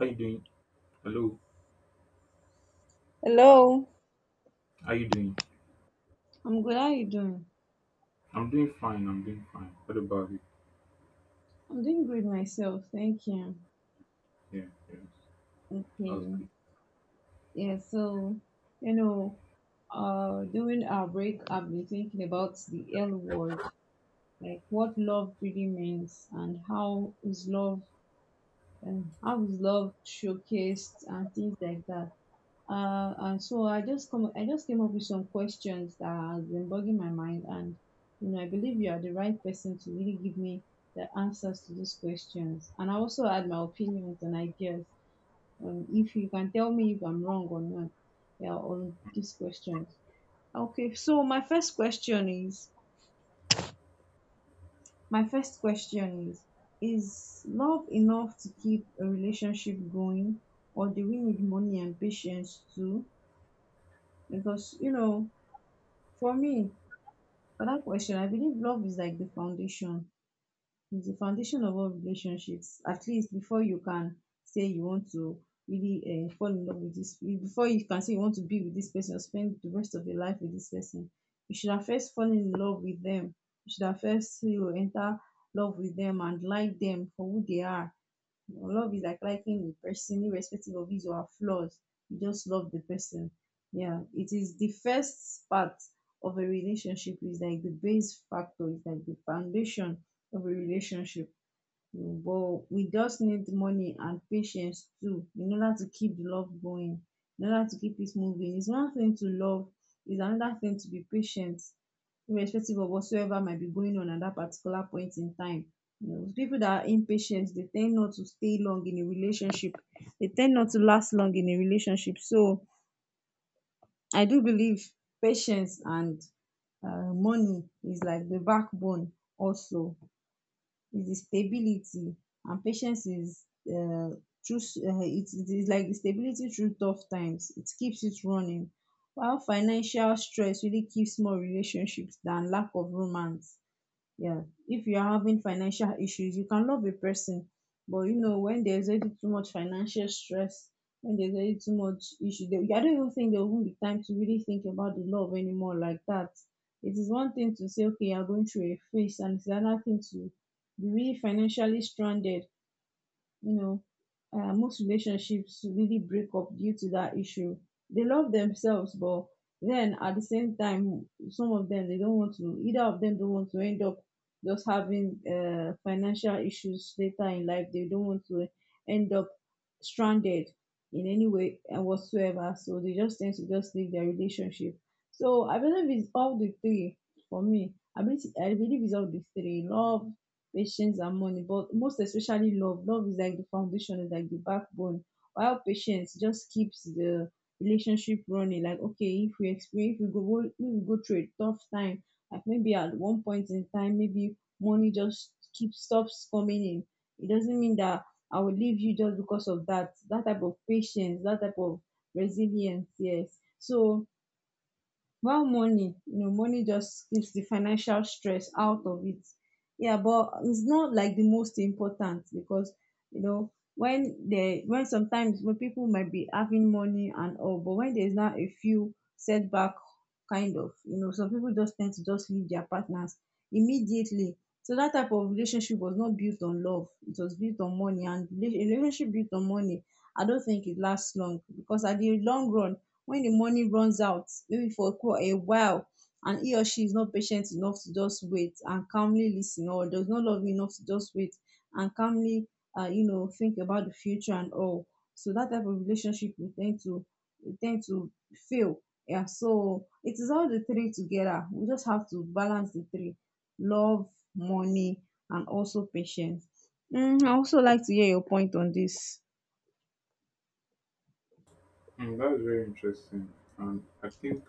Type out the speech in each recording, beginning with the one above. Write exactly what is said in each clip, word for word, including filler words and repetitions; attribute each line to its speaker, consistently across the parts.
Speaker 1: How you doing? Hello.
Speaker 2: Hello.
Speaker 1: How you doing?
Speaker 2: I'm good. How you doing?
Speaker 1: I'm doing fine. I'm doing fine. What about you?
Speaker 2: I'm doing great myself. Thank you.
Speaker 1: Yeah. Yes. That's
Speaker 2: Okay.
Speaker 1: good.
Speaker 2: Yeah, so, you know, uh, during our break, I've been thinking about the L word, like what love really means and how is love, and how is love showcased and things like that. Uh, and so I just come, I just came up with some questions that has been bugging my mind, and you know, I believe you are the right person to really give me the answers to these questions. And I also had my opinions and ideas. Um, if you can tell me if I'm wrong or not, yeah, on these questions. Okay, so my first question is, my first question is, is love enough to keep a relationship going, or do we need money and patience too? Because you know for me, for that question, I believe love is like the foundation. It's the foundation of all relationships, at least before you can say you want to really uh fall in love with this, before you can say you want to be with this person, spend the rest of your life with this person. You should have first fallen in love with them. You should have first, you enter love with them, and like them for who they are. Love is like liking the person, irrespective of his or her flaws. You just love the person. Yeah, it is the first part of a relationship. Is like the base factor. It's like the foundation of a relationship, but we just need money and patience too in order to keep the love going, in order to keep it moving. It's one thing to love, it's another thing to be patient, irrespective of whatsoever might be going on at that particular point in time. You know people that are impatient, they tend not to stay long in a relationship, they tend not to last long in a relationship. So I do believe patience and, uh, money is like the backbone, also is the stability. And patience is, uh, through s- uh, it it is like the stability through tough times, it keeps it running. While financial stress really keeps more relationships than lack of romance. Yeah. If you are having financial issues, you can love a person, but you know when there's already too much financial stress, when there's already too much issue, they, I don't even think there will not be time to really think about the love anymore like that. It is one thing to say okay, you're going through a phase, and it's another thing to be really financially stranded. You know uh, most relationships really break up due to that issue. They love themselves, but then at the same time, some of them, they don't want to either of them don't want to end up just having uh, financial issues later in life. They don't want to end up stranded in any way and whatsoever, so they just tend to just leave their relationship. So I believe it's all the three. For me, I believe, i believe it's all the three: love, patience, and money. But most especially love. Love is like the foundation, is like the backbone, while patience just keeps the relationship running. Like okay, if we experience if we go if we go through a tough time, like maybe at one point in time, maybe money just keeps stops coming in. It doesn't mean that I will leave you just because of that. That type of patience, that type of resilience, yes. So, well, money, you know, money just keeps the financial stress out of it. Yeah, but it's not like the most important, because you know when they when sometimes when people might be having money and all, but when there's not a few setback kind of, you know, some people just tend to just leave their partners immediately. So that type of relationship was not built on love. It was built on money, and rela- a relationship built on money, I don't think it lasts long, because at the long run, when the money runs out, maybe for quite a while, and he or she is not patient enough to just wait and calmly listen, or does not love you enough to just wait and calmly, uh, you know think about the future and all. So that type of relationship will tend to will tend to fail. Yeah, so it is all the three together, we just have to balance the three: love, money, and also patience. mm, I also like to hear your point on this.
Speaker 1: Mm, that's very interesting. And I think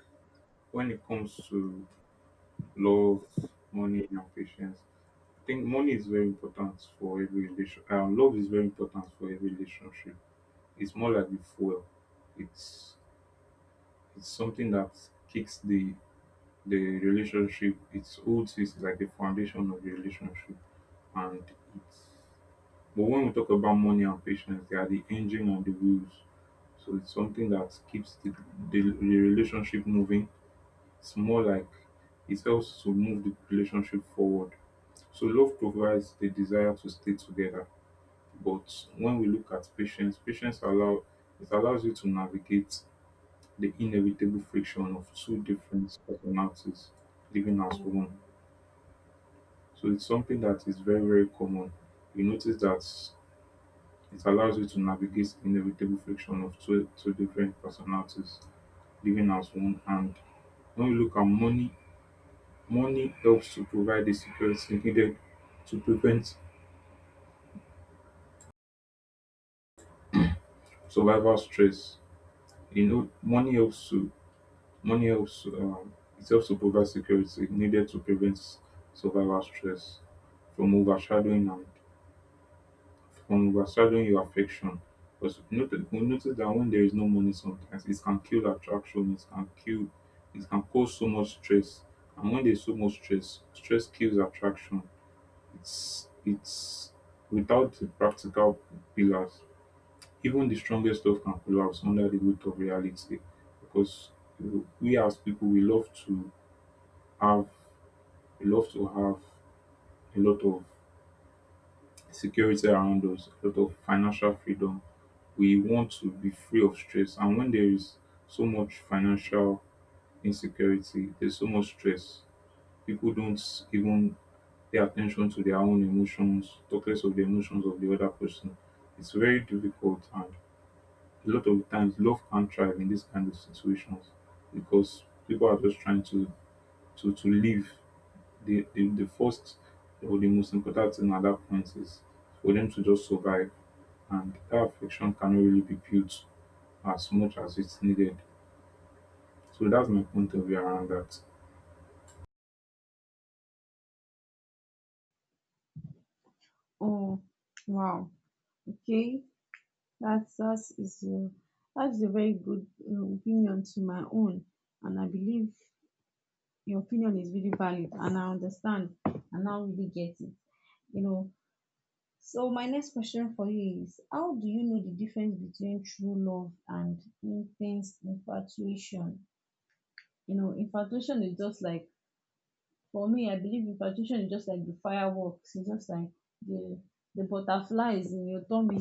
Speaker 1: when it comes to love, money, and patience, I think money is very important for every relation. Um, love is very important for every relationship. It's more like the fuel. It's it's something that kicks the the relationship. It holds it like the foundation of the relationship, and it But when we talk about money and patience, they are the engine and the wheels. So it's something that keeps the, the, the relationship moving. It's more like it helps to move the relationship forward. So love provides the desire to stay together. But when we look at patience, patience allow it allows you to navigate the inevitable friction of two different personalities living as one. So it's something that is very, very common. You notice that It allows you to navigate inevitable friction of two two different personalities living as one. And when you look at money, money helps to provide the security needed to prevent survival stress. You know, money helps to money helps to, um, it helps to provide security needed to prevent survival stress from overshadowing and from overshadowing your affection. Because we notice, we notice that when there is no money, sometimes it can kill attraction, it can kill, it can cause so much stress. And when there's so much stress, stress kills attraction. It's it's without the practical pillars, even the strongest stuff can collapse under the weight of reality. Because we as people, we love to have, we love to have a lot of security around us, a lot of financial freedom. We want to be free of stress. And when there is so much financial insecurity, there's so much stress. People don't even pay attention to their own emotions, talk less of the emotions of the other person. It's very difficult, and a lot of the times, love can't thrive in these kind of situations because people are just trying to to to live the, the, the first or the most important thing at that point is for them to just survive. And that affection cannot really be built as much as it's needed. So that's my point of view around that.
Speaker 2: Oh, wow. Okay. That's that is a that's a very good um, opinion to my own, and I believe your opinion is really valid, and I understand, and I really get it. You know. So my next question for you is: how do you know the difference between true love and intense infatuation? You know, infatuation is just like For me, I believe in infatuation is just like the fireworks. It's just like the the butterflies in your tummy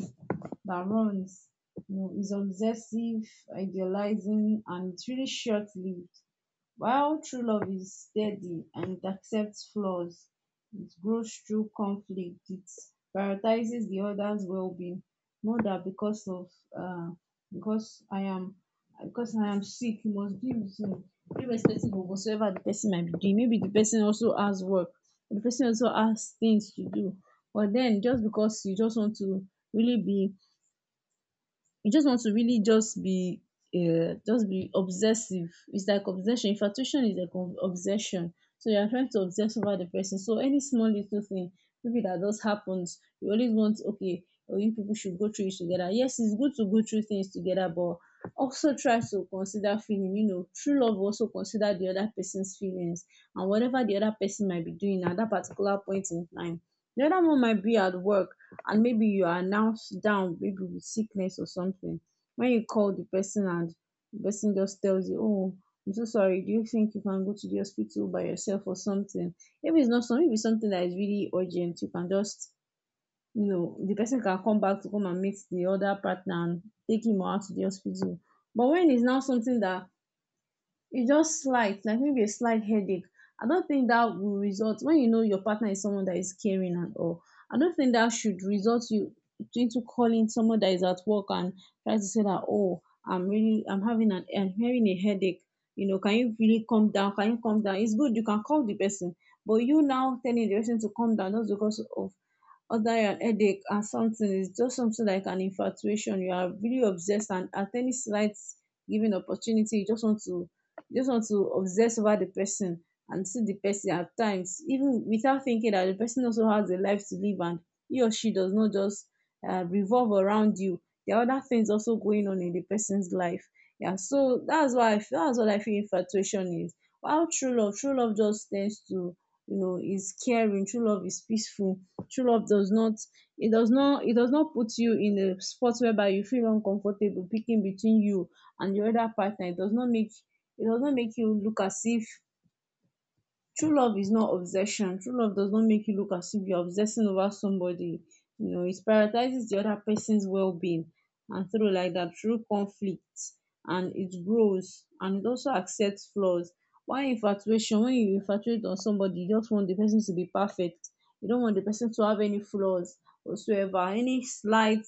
Speaker 2: that runs. You know, it's obsessive, idealizing, and it's really short lived. While true love is steady and it accepts flaws, it grows through conflict, it prioritizes the other's well being. Know that because of uh because I am because I am sick, you must be with me. Irrespective of whatsoever the person might be doing. Maybe the person also has work. The person also has things to do. But then just because you just want to really be you just want to really just be uh, just be obsessive. It's like obsession. Infatuation is like ob- obsession. So you are trying to obsess over the person. So any small little thing, maybe that just happens, you always want okay, or you people should go through it together. Yes, it's good to go through things together, but also try to consider feeling. You know, true love also consider the other person's feelings and whatever the other person might be doing at that particular point in time. The other one might be at work, and maybe you are now s- down, maybe with sickness or something. When you call the person and the person just tells you, oh, I'm so sorry, do you think you can go to the hospital by yourself or something? Maybe it's not something Maybe it's something that is really urgent, you can just, you know the person can come back to come and meet the other partner and take him out to the hospital. But when it's now something that, it's just slight, like maybe a slight headache, I don't think that will result, when you know your partner is someone that is caring and all. I don't think that should result you into calling someone that is at work and try to say that, oh, I'm really I'm having an I'm having a headache. You know can you really calm down can you calm down? It's good you can call the person, but you now telling the person to calm down just because of other headache and something is just something like an infatuation. You are really obsessed, and at any slight given opportunity, you just want to you just want to obsess over the person, and see the person at times, even without thinking that the person also has a life to live, and he or she does not just uh, revolve around you. There are other things also going on in the person's life. Yeah, so that's why I feel, that's what I feel infatuation is. While true love, true love just tends to, you know, is caring. True love is peaceful. True love does not, it does not, It does not put you in a spot whereby you feel uncomfortable picking between you and your other partner. It does not make it does not make you look as if true love is not obsession. True love does not make you look as if you're obsessing over somebody, you know. It prioritizes the other person's well-being, and through like that, through conflict, and it grows, and it also accepts flaws. Why infatuation, when you infatuate on somebody, you just want the person to be perfect. You don't want the person to have any flaws whatsoever. Any slight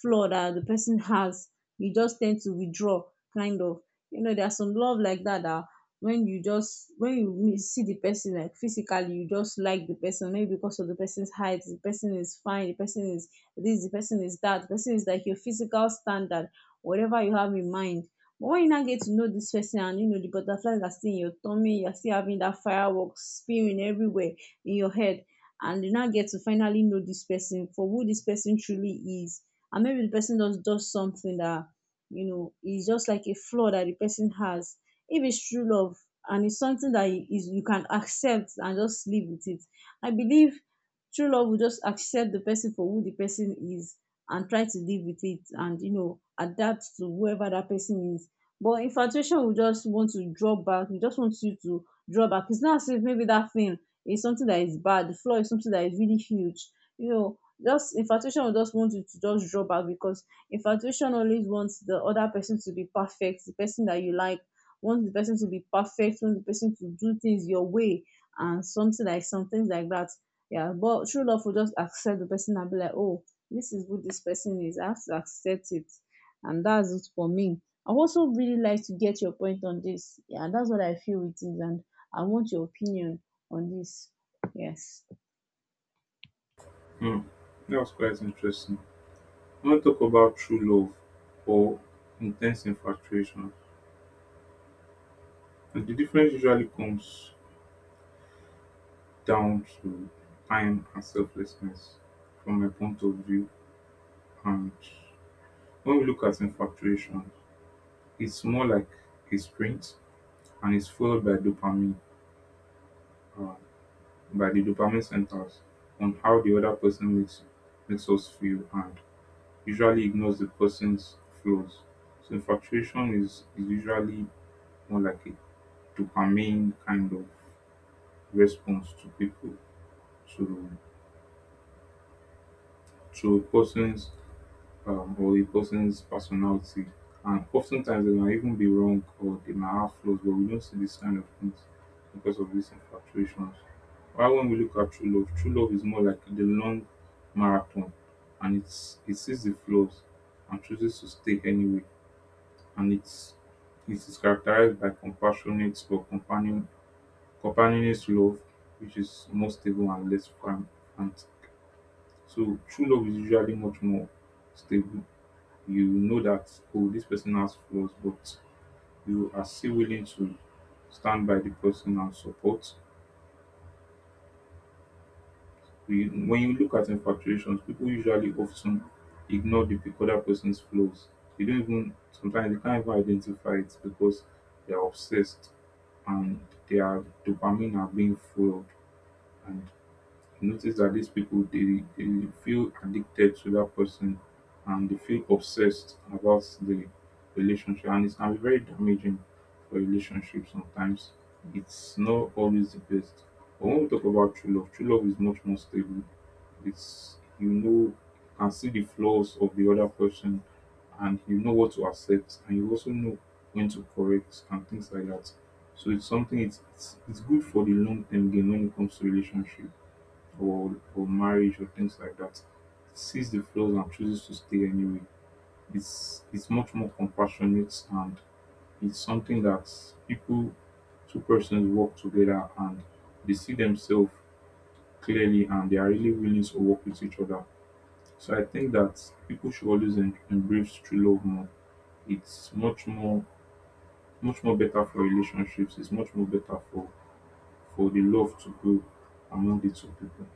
Speaker 2: flaw that the person has, you just tend to withdraw, kind of, you know. There's some love like that, that when you just, when you meet, see the person, like physically you just like the person, maybe because of the person's height, the person is fine, the person is this, the person is that, the person is like your physical standard, whatever you have in mind. But when you now get to know this person, and you know, the butterflies are still in your tummy, you're still having that fireworks spewing everywhere in your head, and you now get to finally know this person for who this person truly is. And maybe the person does does something that, you know, is just like a flaw that the person has. If it's true love, and it's something that you- is you can accept and just live with it, I believe true love will just accept the person for who the person is, and try to live with it, and you know, adapt to whoever that person is. But infatuation will just want to draw back. We just want you to draw back. It's not as if maybe that thing is something that is bad, the flaw is something that is really huge, you know. Just infatuation will just want you to just draw back, because infatuation always wants the other person to be perfect, the person that you like, want the person to be perfect, want the person to do things your way, and something like some things like that. Yeah, but true love will just accept the person and be like, oh, this is who this person is. I have to accept it. And that's it for me. I also really like to get your point on this. Yeah, that's what I feel it is, and I want your opinion on this. Yes.
Speaker 1: Hmm. That was quite interesting. I want to talk about true love or intense infatuation. And the difference usually comes down to time and selflessness from my point of view. And when we look at infatuation, it's more like a sprint and is followed by dopamine, uh, by the dopamine centers on how the other person makes makes us feel and usually ignores the person's flaws. So infatuation is, is usually more like a dopamine kind of response to people to to a person's um, or a person's personality. And oftentimes they might even be wrong or they might have flaws, but we don't see this kind of things because of these infatuations. While when we look at true love, true love is more like the long marathon and it's it sees the flaws and chooses to stay anyway. And it's it is characterized by compassionate or companion companionist love, which is more stable and less fran- and so true love is usually much more stable. You know that, oh, this person has flaws, but you are still willing to stand by the person and support. We, when you look at infatuations, people usually often ignore the pe- other person's flaws. They don't even, sometimes they can't even identify it because they are obsessed and their dopamine are being fueled. And you notice that these people they, they feel addicted to that person and they feel obsessed about the relationship, and it can be very damaging for relationship sometimes. It's not always the best. But when we talk about true love, true love is much more stable. It's, you know, you can see the flaws of the other person, and you know what to accept, and you also know when to correct and things like that. So it's something it's it's, it's good for the long term gain when it comes to relationship or or marriage or things like that. Sees the flaws and chooses to stay anyway. It's it's much more compassionate, and it's something that people, two persons work together and they see themselves clearly, and they are really willing to work with each other. So I think that people should always em- embrace true love more. It's much more much more better for relationships. It's much more better for for the love to grow among the two people.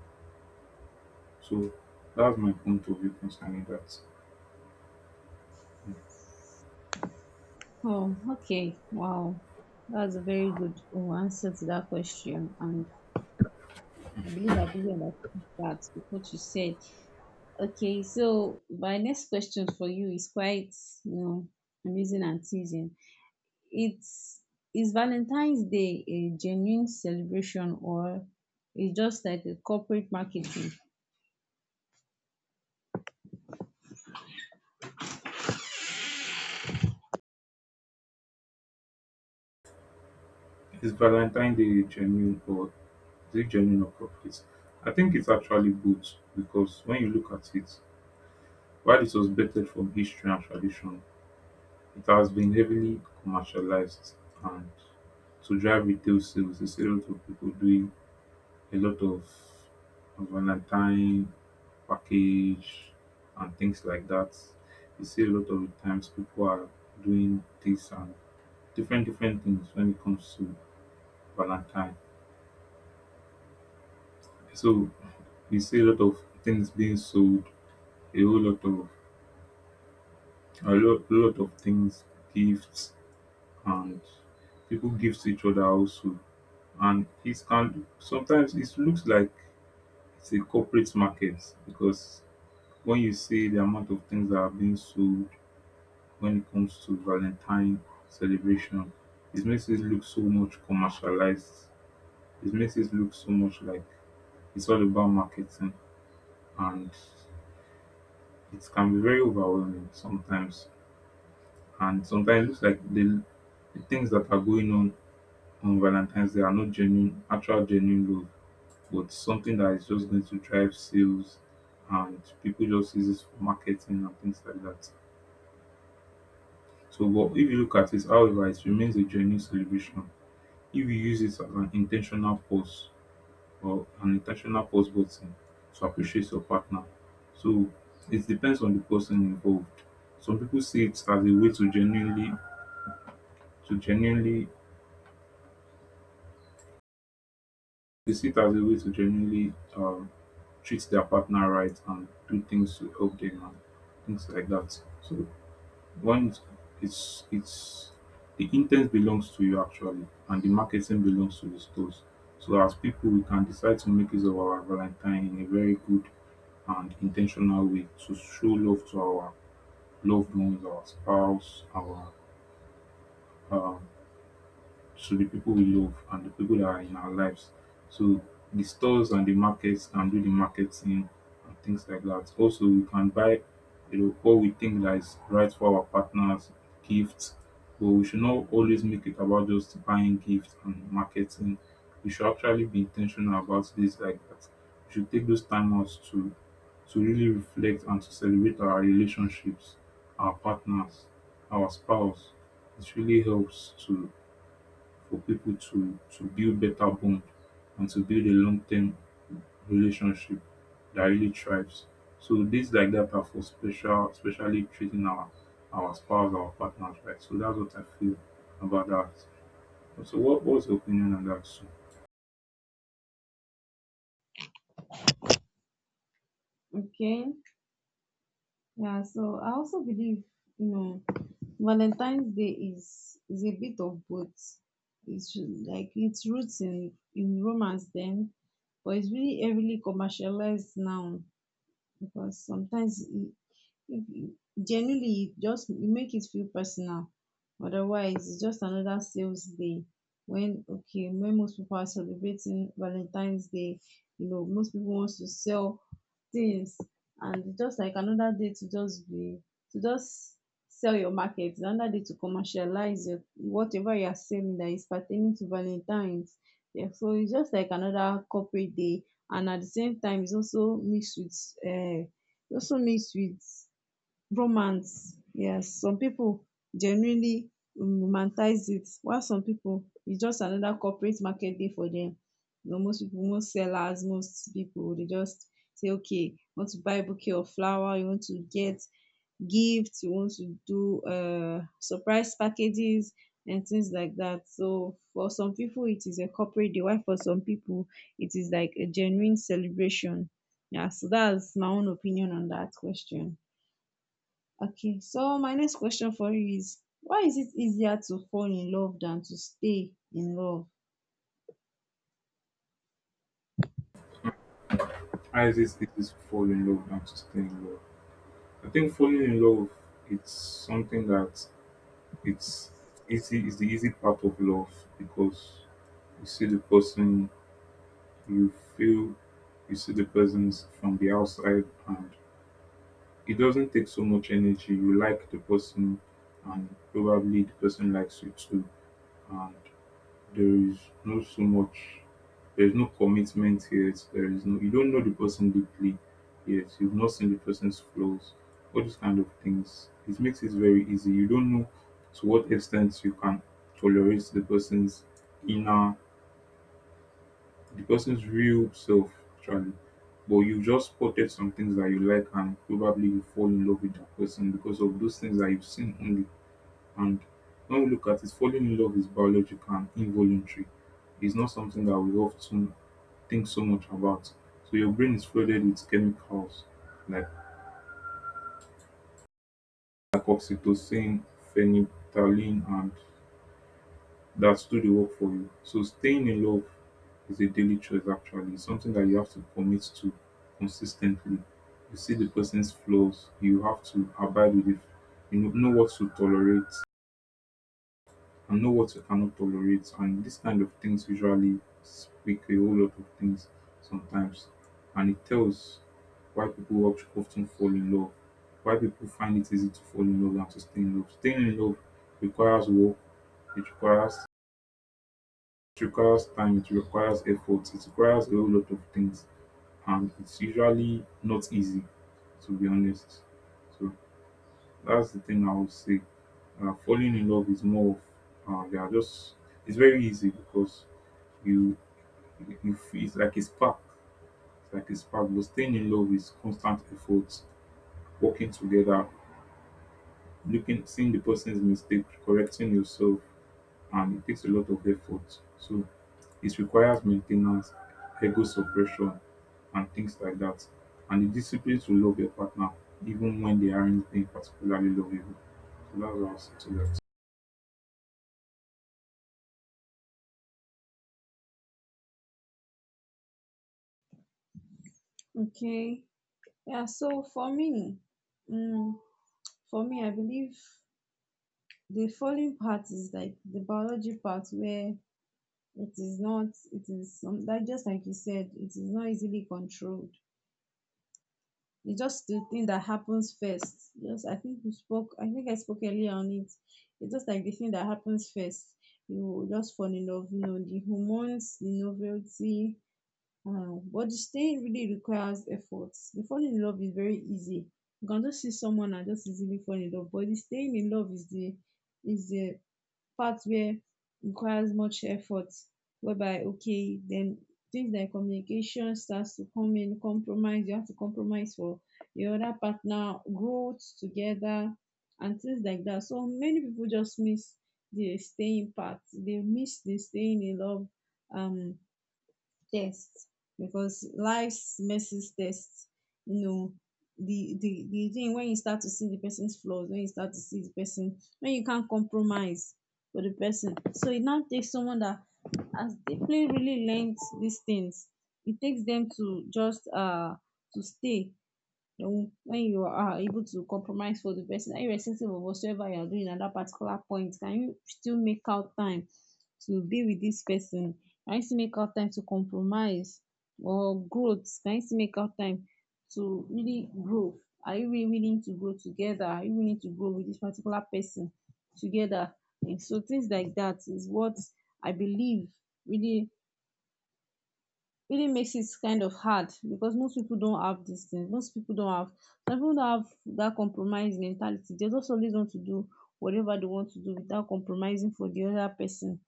Speaker 1: So that's my point of view concerning that.
Speaker 2: Oh, okay. Wow. That's a very good, oh, answer to that question. And I believe I really understood that with what you said. Okay, so my next question for you is quite, you know, amusing and teasing. It's, is Valentine's Day a genuine celebration, or is just like a corporate marketing?
Speaker 1: Is Valentine Day genuine or is it genuine or corporate? I think it's actually both, because when you look at it, while it was better from history and tradition, it has been heavily commercialized and to drive retail sales, you see a lot of people doing a lot of Valentine package and things like that. You see a lot of the times people are doing this and different different things when it comes to Valentine. So you see a lot of things being sold, a whole lot of a lot, lot of things, gifts, and people give to each other also. And it can sometimes it looks like it's a corporate market because when you see the amount of things that are being sold when it comes to Valentine celebration, it makes it look so much commercialized. It makes it look so much like it's all about marketing and it can be very overwhelming sometimes. And sometimes it looks like the, the things that are going on on Valentine's Day are not genuine, actual genuine love, but something that is just going to drive sales and people just use it for marketing and things like that. So, but if you look at it, however, it remains a genuine celebration. If you use it as an intentional pause or an intentional pause button to appreciate your partner. So, it depends on the person involved. Some people see it as a way to genuinely to genuinely. They see it as a way to genuinely um, treat their partner right and do things to help them and things like that. So one is it's it's the intent belongs to you actually, and the marketing belongs to the stores. So as people, we can decide to make use of our Valentine in a very good and intentional way to show love to our loved ones, our spouse, our um, to the people we love and the people that are in our lives. So the stores and the markets can do the marketing and things like that. Also, we can buy, you know, what we think that is right for our partners, gifts. But we should not always make it about just buying gifts and marketing. We should actually be intentional about this like that. We should take those time outs to to really reflect and to celebrate our relationships, our partners, our spouse. It really helps to for people to to build better bond and to build a long-term relationship that really thrives. So days like that are for special, especially treating our our spouse, our partners, right? So that's what I feel about that. So what what's your opinion on that? So
Speaker 2: Okay, yeah. So I also believe, you know, Valentine's Day is is a bit of both. It's like its roots in in romance then, but it's really heavily commercialized now, because sometimes it, if you, genuinely, you just, you make it feel personal, otherwise it's just another sales day. When, okay, when most people are celebrating Valentine's Day, you know, most people wants to sell things, and it's just like another day to just be, to just sell your market, another day to commercialize your whatever you are selling that is pertaining to Valentine's. Yeah, so it's just like another corporate day. And at the same time, it's also mixed with, um also mixed with romance. Yes, some people genuinely um romanticize it, while some people it's just another corporate market dey for them. You know, most people, most sellers, most people, they just say, okay, want to buy a bouquet of flower, you want to get gift, you want to do uh surprise packages and things like that. So for some people it is a corporate deal, while for some people it is like a genuine celebration. Yeah, so that's my own opinion on that question. Okay, so my next question for you is, why is it easier to fall in love than to stay in love?
Speaker 1: how is this this is fall in love and to stay in love? I think falling in love, it's something that it's easy, it's the easy part of love, because you see the person you feel, you see the person from the outside and it doesn't take so much energy. You like the person and probably the person likes you too. And there is no so much there is no commitment yet. There is no, you don't know the person deeply yet. You've not seen the person's flaws. All these kind of things. It makes it very easy. You don't know to what extent you can tolerate the person's inner the person's real self actually, but you've just spotted some things that you like, and probably you fall in love with that person because of those things that you've seen only. And when we look at it, falling in love is biological and involuntary. It's not something that we often think so much about. So your brain is flooded with chemicals like like oxytocin, phenethylene, and that do the work for you. So staying in love is a daily choice actually. It's something that you have to commit to consistently. You see the person's flaws, you have to abide with it. You know, know what to tolerate and know what you cannot tolerate. And this kind of things usually speak a whole lot of things sometimes. And it tells why people oft- often fall in love, why people find it easy to fall in love and to stay in love. Staying in love requires work, it requires it requires time, it requires effort, it requires a whole lot of things, and it's usually not easy, to be honest. So that's the thing I would say. Uh, falling in love is more of uh, they are just it's very easy because you you feel it's like a spark, it's like a spark. But staying in love is constant effort, working together, looking, seeing the person's mistake, correcting yourself, and it takes a lot of effort. So it requires maintenance, ego suppression, and things like that. And the discipline to love your partner even when they aren't being particularly lovable. So that's what I'll say to that.
Speaker 2: Okay, yeah, so for me, um, for me, I believe the falling part is like the biology part where it is not, it is some, like just like you said, it is not easily controlled. It's just the thing that happens first. Just I think we spoke. I think I spoke earlier on it. It's just like the thing that happens first. You just fall in love. You know, the hormones, the novelty. Uh, but the staying really requires effort. The falling in love is very easy. You can just see someone and just easily fall in love. But the staying in love is the, is the part where requires much effort, whereby okay, then things like communication starts to come in, compromise, you have to compromise for your other partner, growth together, and things like that. So many people just miss the staying part. They miss the staying in love. um Test, because life's messes test, you know, the the the thing when you start to see the person's flaws, when you start to see the person, when you can't compromise for the person. So it now takes someone that has deeply really learned these things. It takes them to just uh to stay. Then when you are able to compromise for the person, irrespective of whatsoever you are doing at that particular point, can you still make out time to be with this person? Can you still make out time to compromise or growth? Can you still make out time to really grow? Are you really willing to grow together? Are you willing to grow with this particular person together? And so things like that is what I believe really really makes it kind of hard, because most people don't have these things. Most people don't have, some people don't have that compromise mentality. They just always want to do whatever they want to do without compromising for the other person.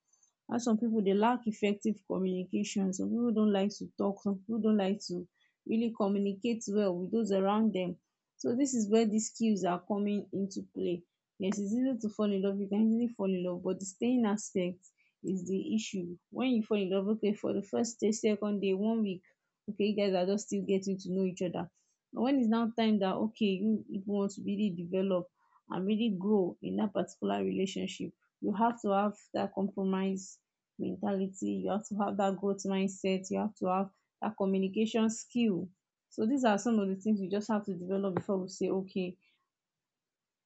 Speaker 2: And some people, they lack effective communication. Some people don't like to talk. Some people don't like to really communicate well with those around them. So this is where these skills are coming into play. Yes, it's easy to fall in love. You can easily fall in love, but the staying aspect is the issue. When you fall in love, okay, for the first day, second day, one week, okay, you guys are just still getting to know each other. But when it's now time that okay, you, you want to really develop and really grow in that particular relationship, you have to have that compromise mentality, you have to have that growth mindset, you have to have that communication skill. So these are some of the things you just have to develop before we say, okay,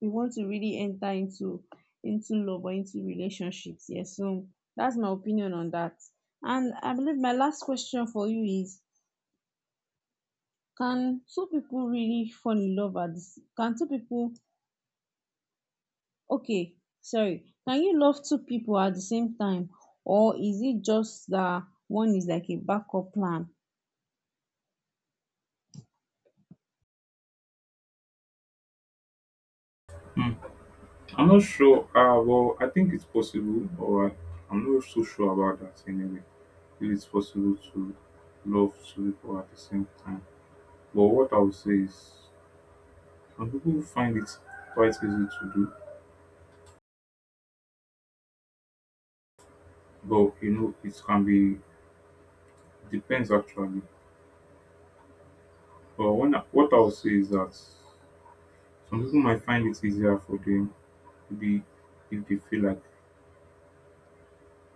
Speaker 2: we want to really enter into into love or into relationships. Yes, so that's my opinion on that. And I believe my last question for you is: can two people really fall in love at? The, can two people? Okay, sorry. Can you love two people at the same time, or is it just that one is like a backup plan?
Speaker 1: Hmm. I'm not sure. Uh, well, I think it's possible, but I'm not so sure about that anyway. If it's possible to love two people at the same time. But what I would say is some people find it quite easy to do, but you know, it can be. Depends actually. But one, what I'll say is that some people might find it easier for them, maybe if they feel like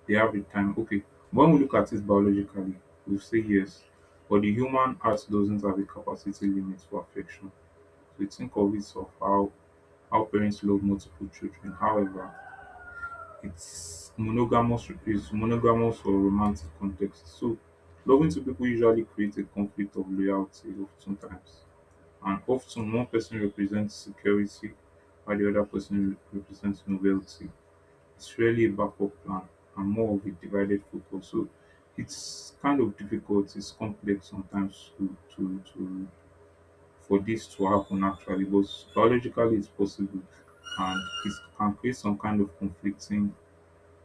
Speaker 1: they have the time. Okay, when we look at it biologically, we say yes, but the human heart doesn't have a capacity limit for affection. So you think of it of how how parents love multiple children. However, it's monogamous, is monogamous or romantic context. So loving two people usually creates a conflict of loyalty of sometimes. And often one person represents security while the other person represents novelty. It's really a backup plan and more of a divided focus. So it's kind of difficult, it's complex sometimes to to, to for this to happen actually, but biologically it's possible, and it can create some kind of conflicting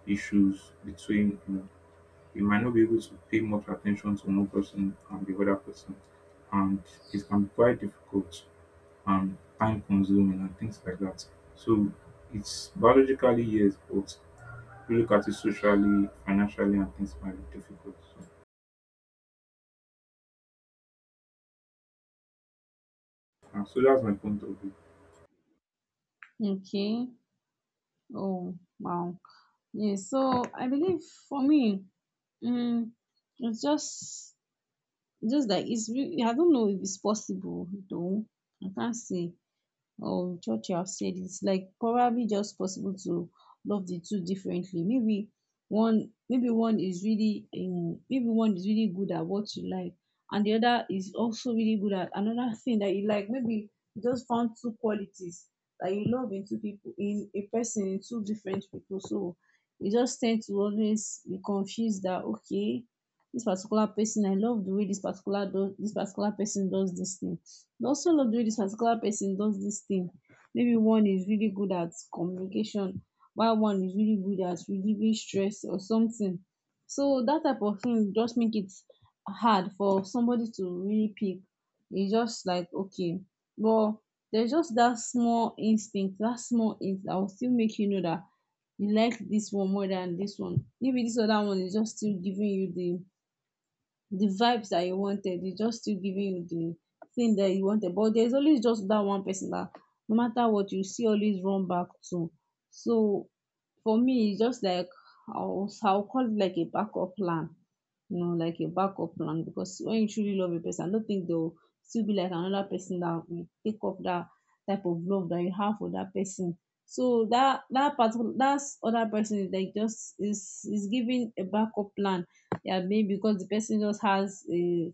Speaker 1: issues between, you know, you might not be able to pay much attention to one person and the other person, and it can be quite difficult and time consuming and things like that. So it's biologically yes, but if you look at it socially, financially, and things might be difficult. So, uh, so that's my point of view.
Speaker 2: Okay. Oh wow. Yeah. So I believe for me, mm, it's just just like it's rea- I don't know if it's possible though. I can't say or Churchill have said it's like probably just possible to love the two differently. Maybe one, maybe one is really um, maybe one is really good at what you like, and the other is also really good at another thing that you like. Maybe you just found two qualities that you love in two people, in a person, in two different people. So you just tend to always be confused that okay, this particular person I love the way this particular do, this particular person does this thing, dey also know the way this particular person does this thing. Maybe one is really good at communication, while one is really good at relieving stress or something. So that type of thing just make it hard for somebody to really pick. E just like okay, but there's just that small instinct, that small hint that will still make you know that you like this one more than this one. Maybe this other one is just still giving you the the vibes that you wanted. It's just still giving you the thing that you wanted. But there's always just that one person that no matter what you see, always run back to. So for me, it's just like I'll, I'll call it like a backup plan. You know, like a backup plan, because when you truly love a person, I don't think they'll still be like another person that will take up that type of love that you have for that person. So that, that particular, that other person is like just is is giving a backup plan. Yeah, maybe because the person just has a,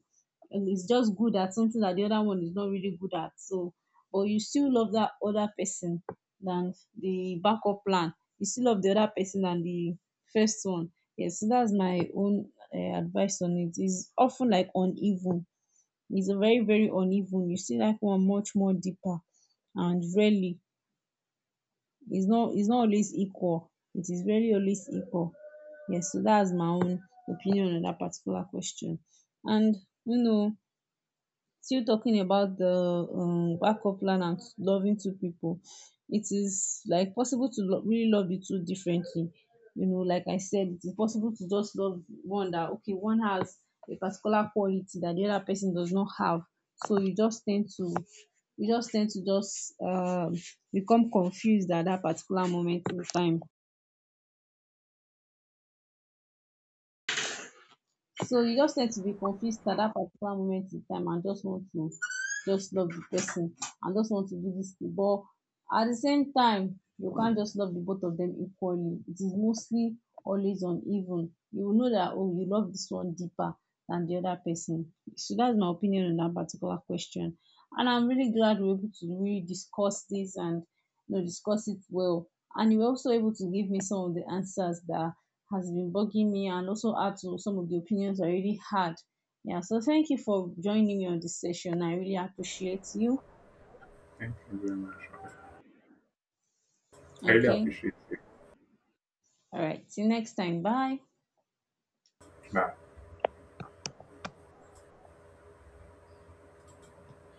Speaker 2: and is just good at something that the other one is not really good at. So but you still love that other person than the backup plan. You still love the other person than the first one. Yes, so that's my own, uh, advice on it. It is often like uneven. It's a very very uneven. You see like one much more deeper, and rarely, it's not, it's not always equal. It is very always equal. Yes, so that's my own opinion on that particular question. And you know, still talking about the um backup plan and loving two people, it is like possible to lo- really love the two differently. You know, like I said, it is possible to just love one that okay, one has a particular quality that the other person does not have. So you just tend to, you just tend to just um become confused at that particular moment in time. So you just tend to be confused at that particular moment in time, and just want to just love the person, and just want to do this thing. But at the same time, you can't just love the both of them equally. It is mostly always uneven. You will know that oh, you love this one deeper than the other person. So that's my opinion on that particular question. And I'm really glad we we're able to really discuss this, and you know, discuss it well. And you were also able to give me some of the answers that has been bugging me, and also add to some of the opinions I already had. Yeah, so thank you for joining me on this session. I really appreciate you.
Speaker 1: Thank you very much. I really
Speaker 2: Okay.
Speaker 1: appreciate it.
Speaker 2: All right. See you next time. Bye.
Speaker 1: Bye.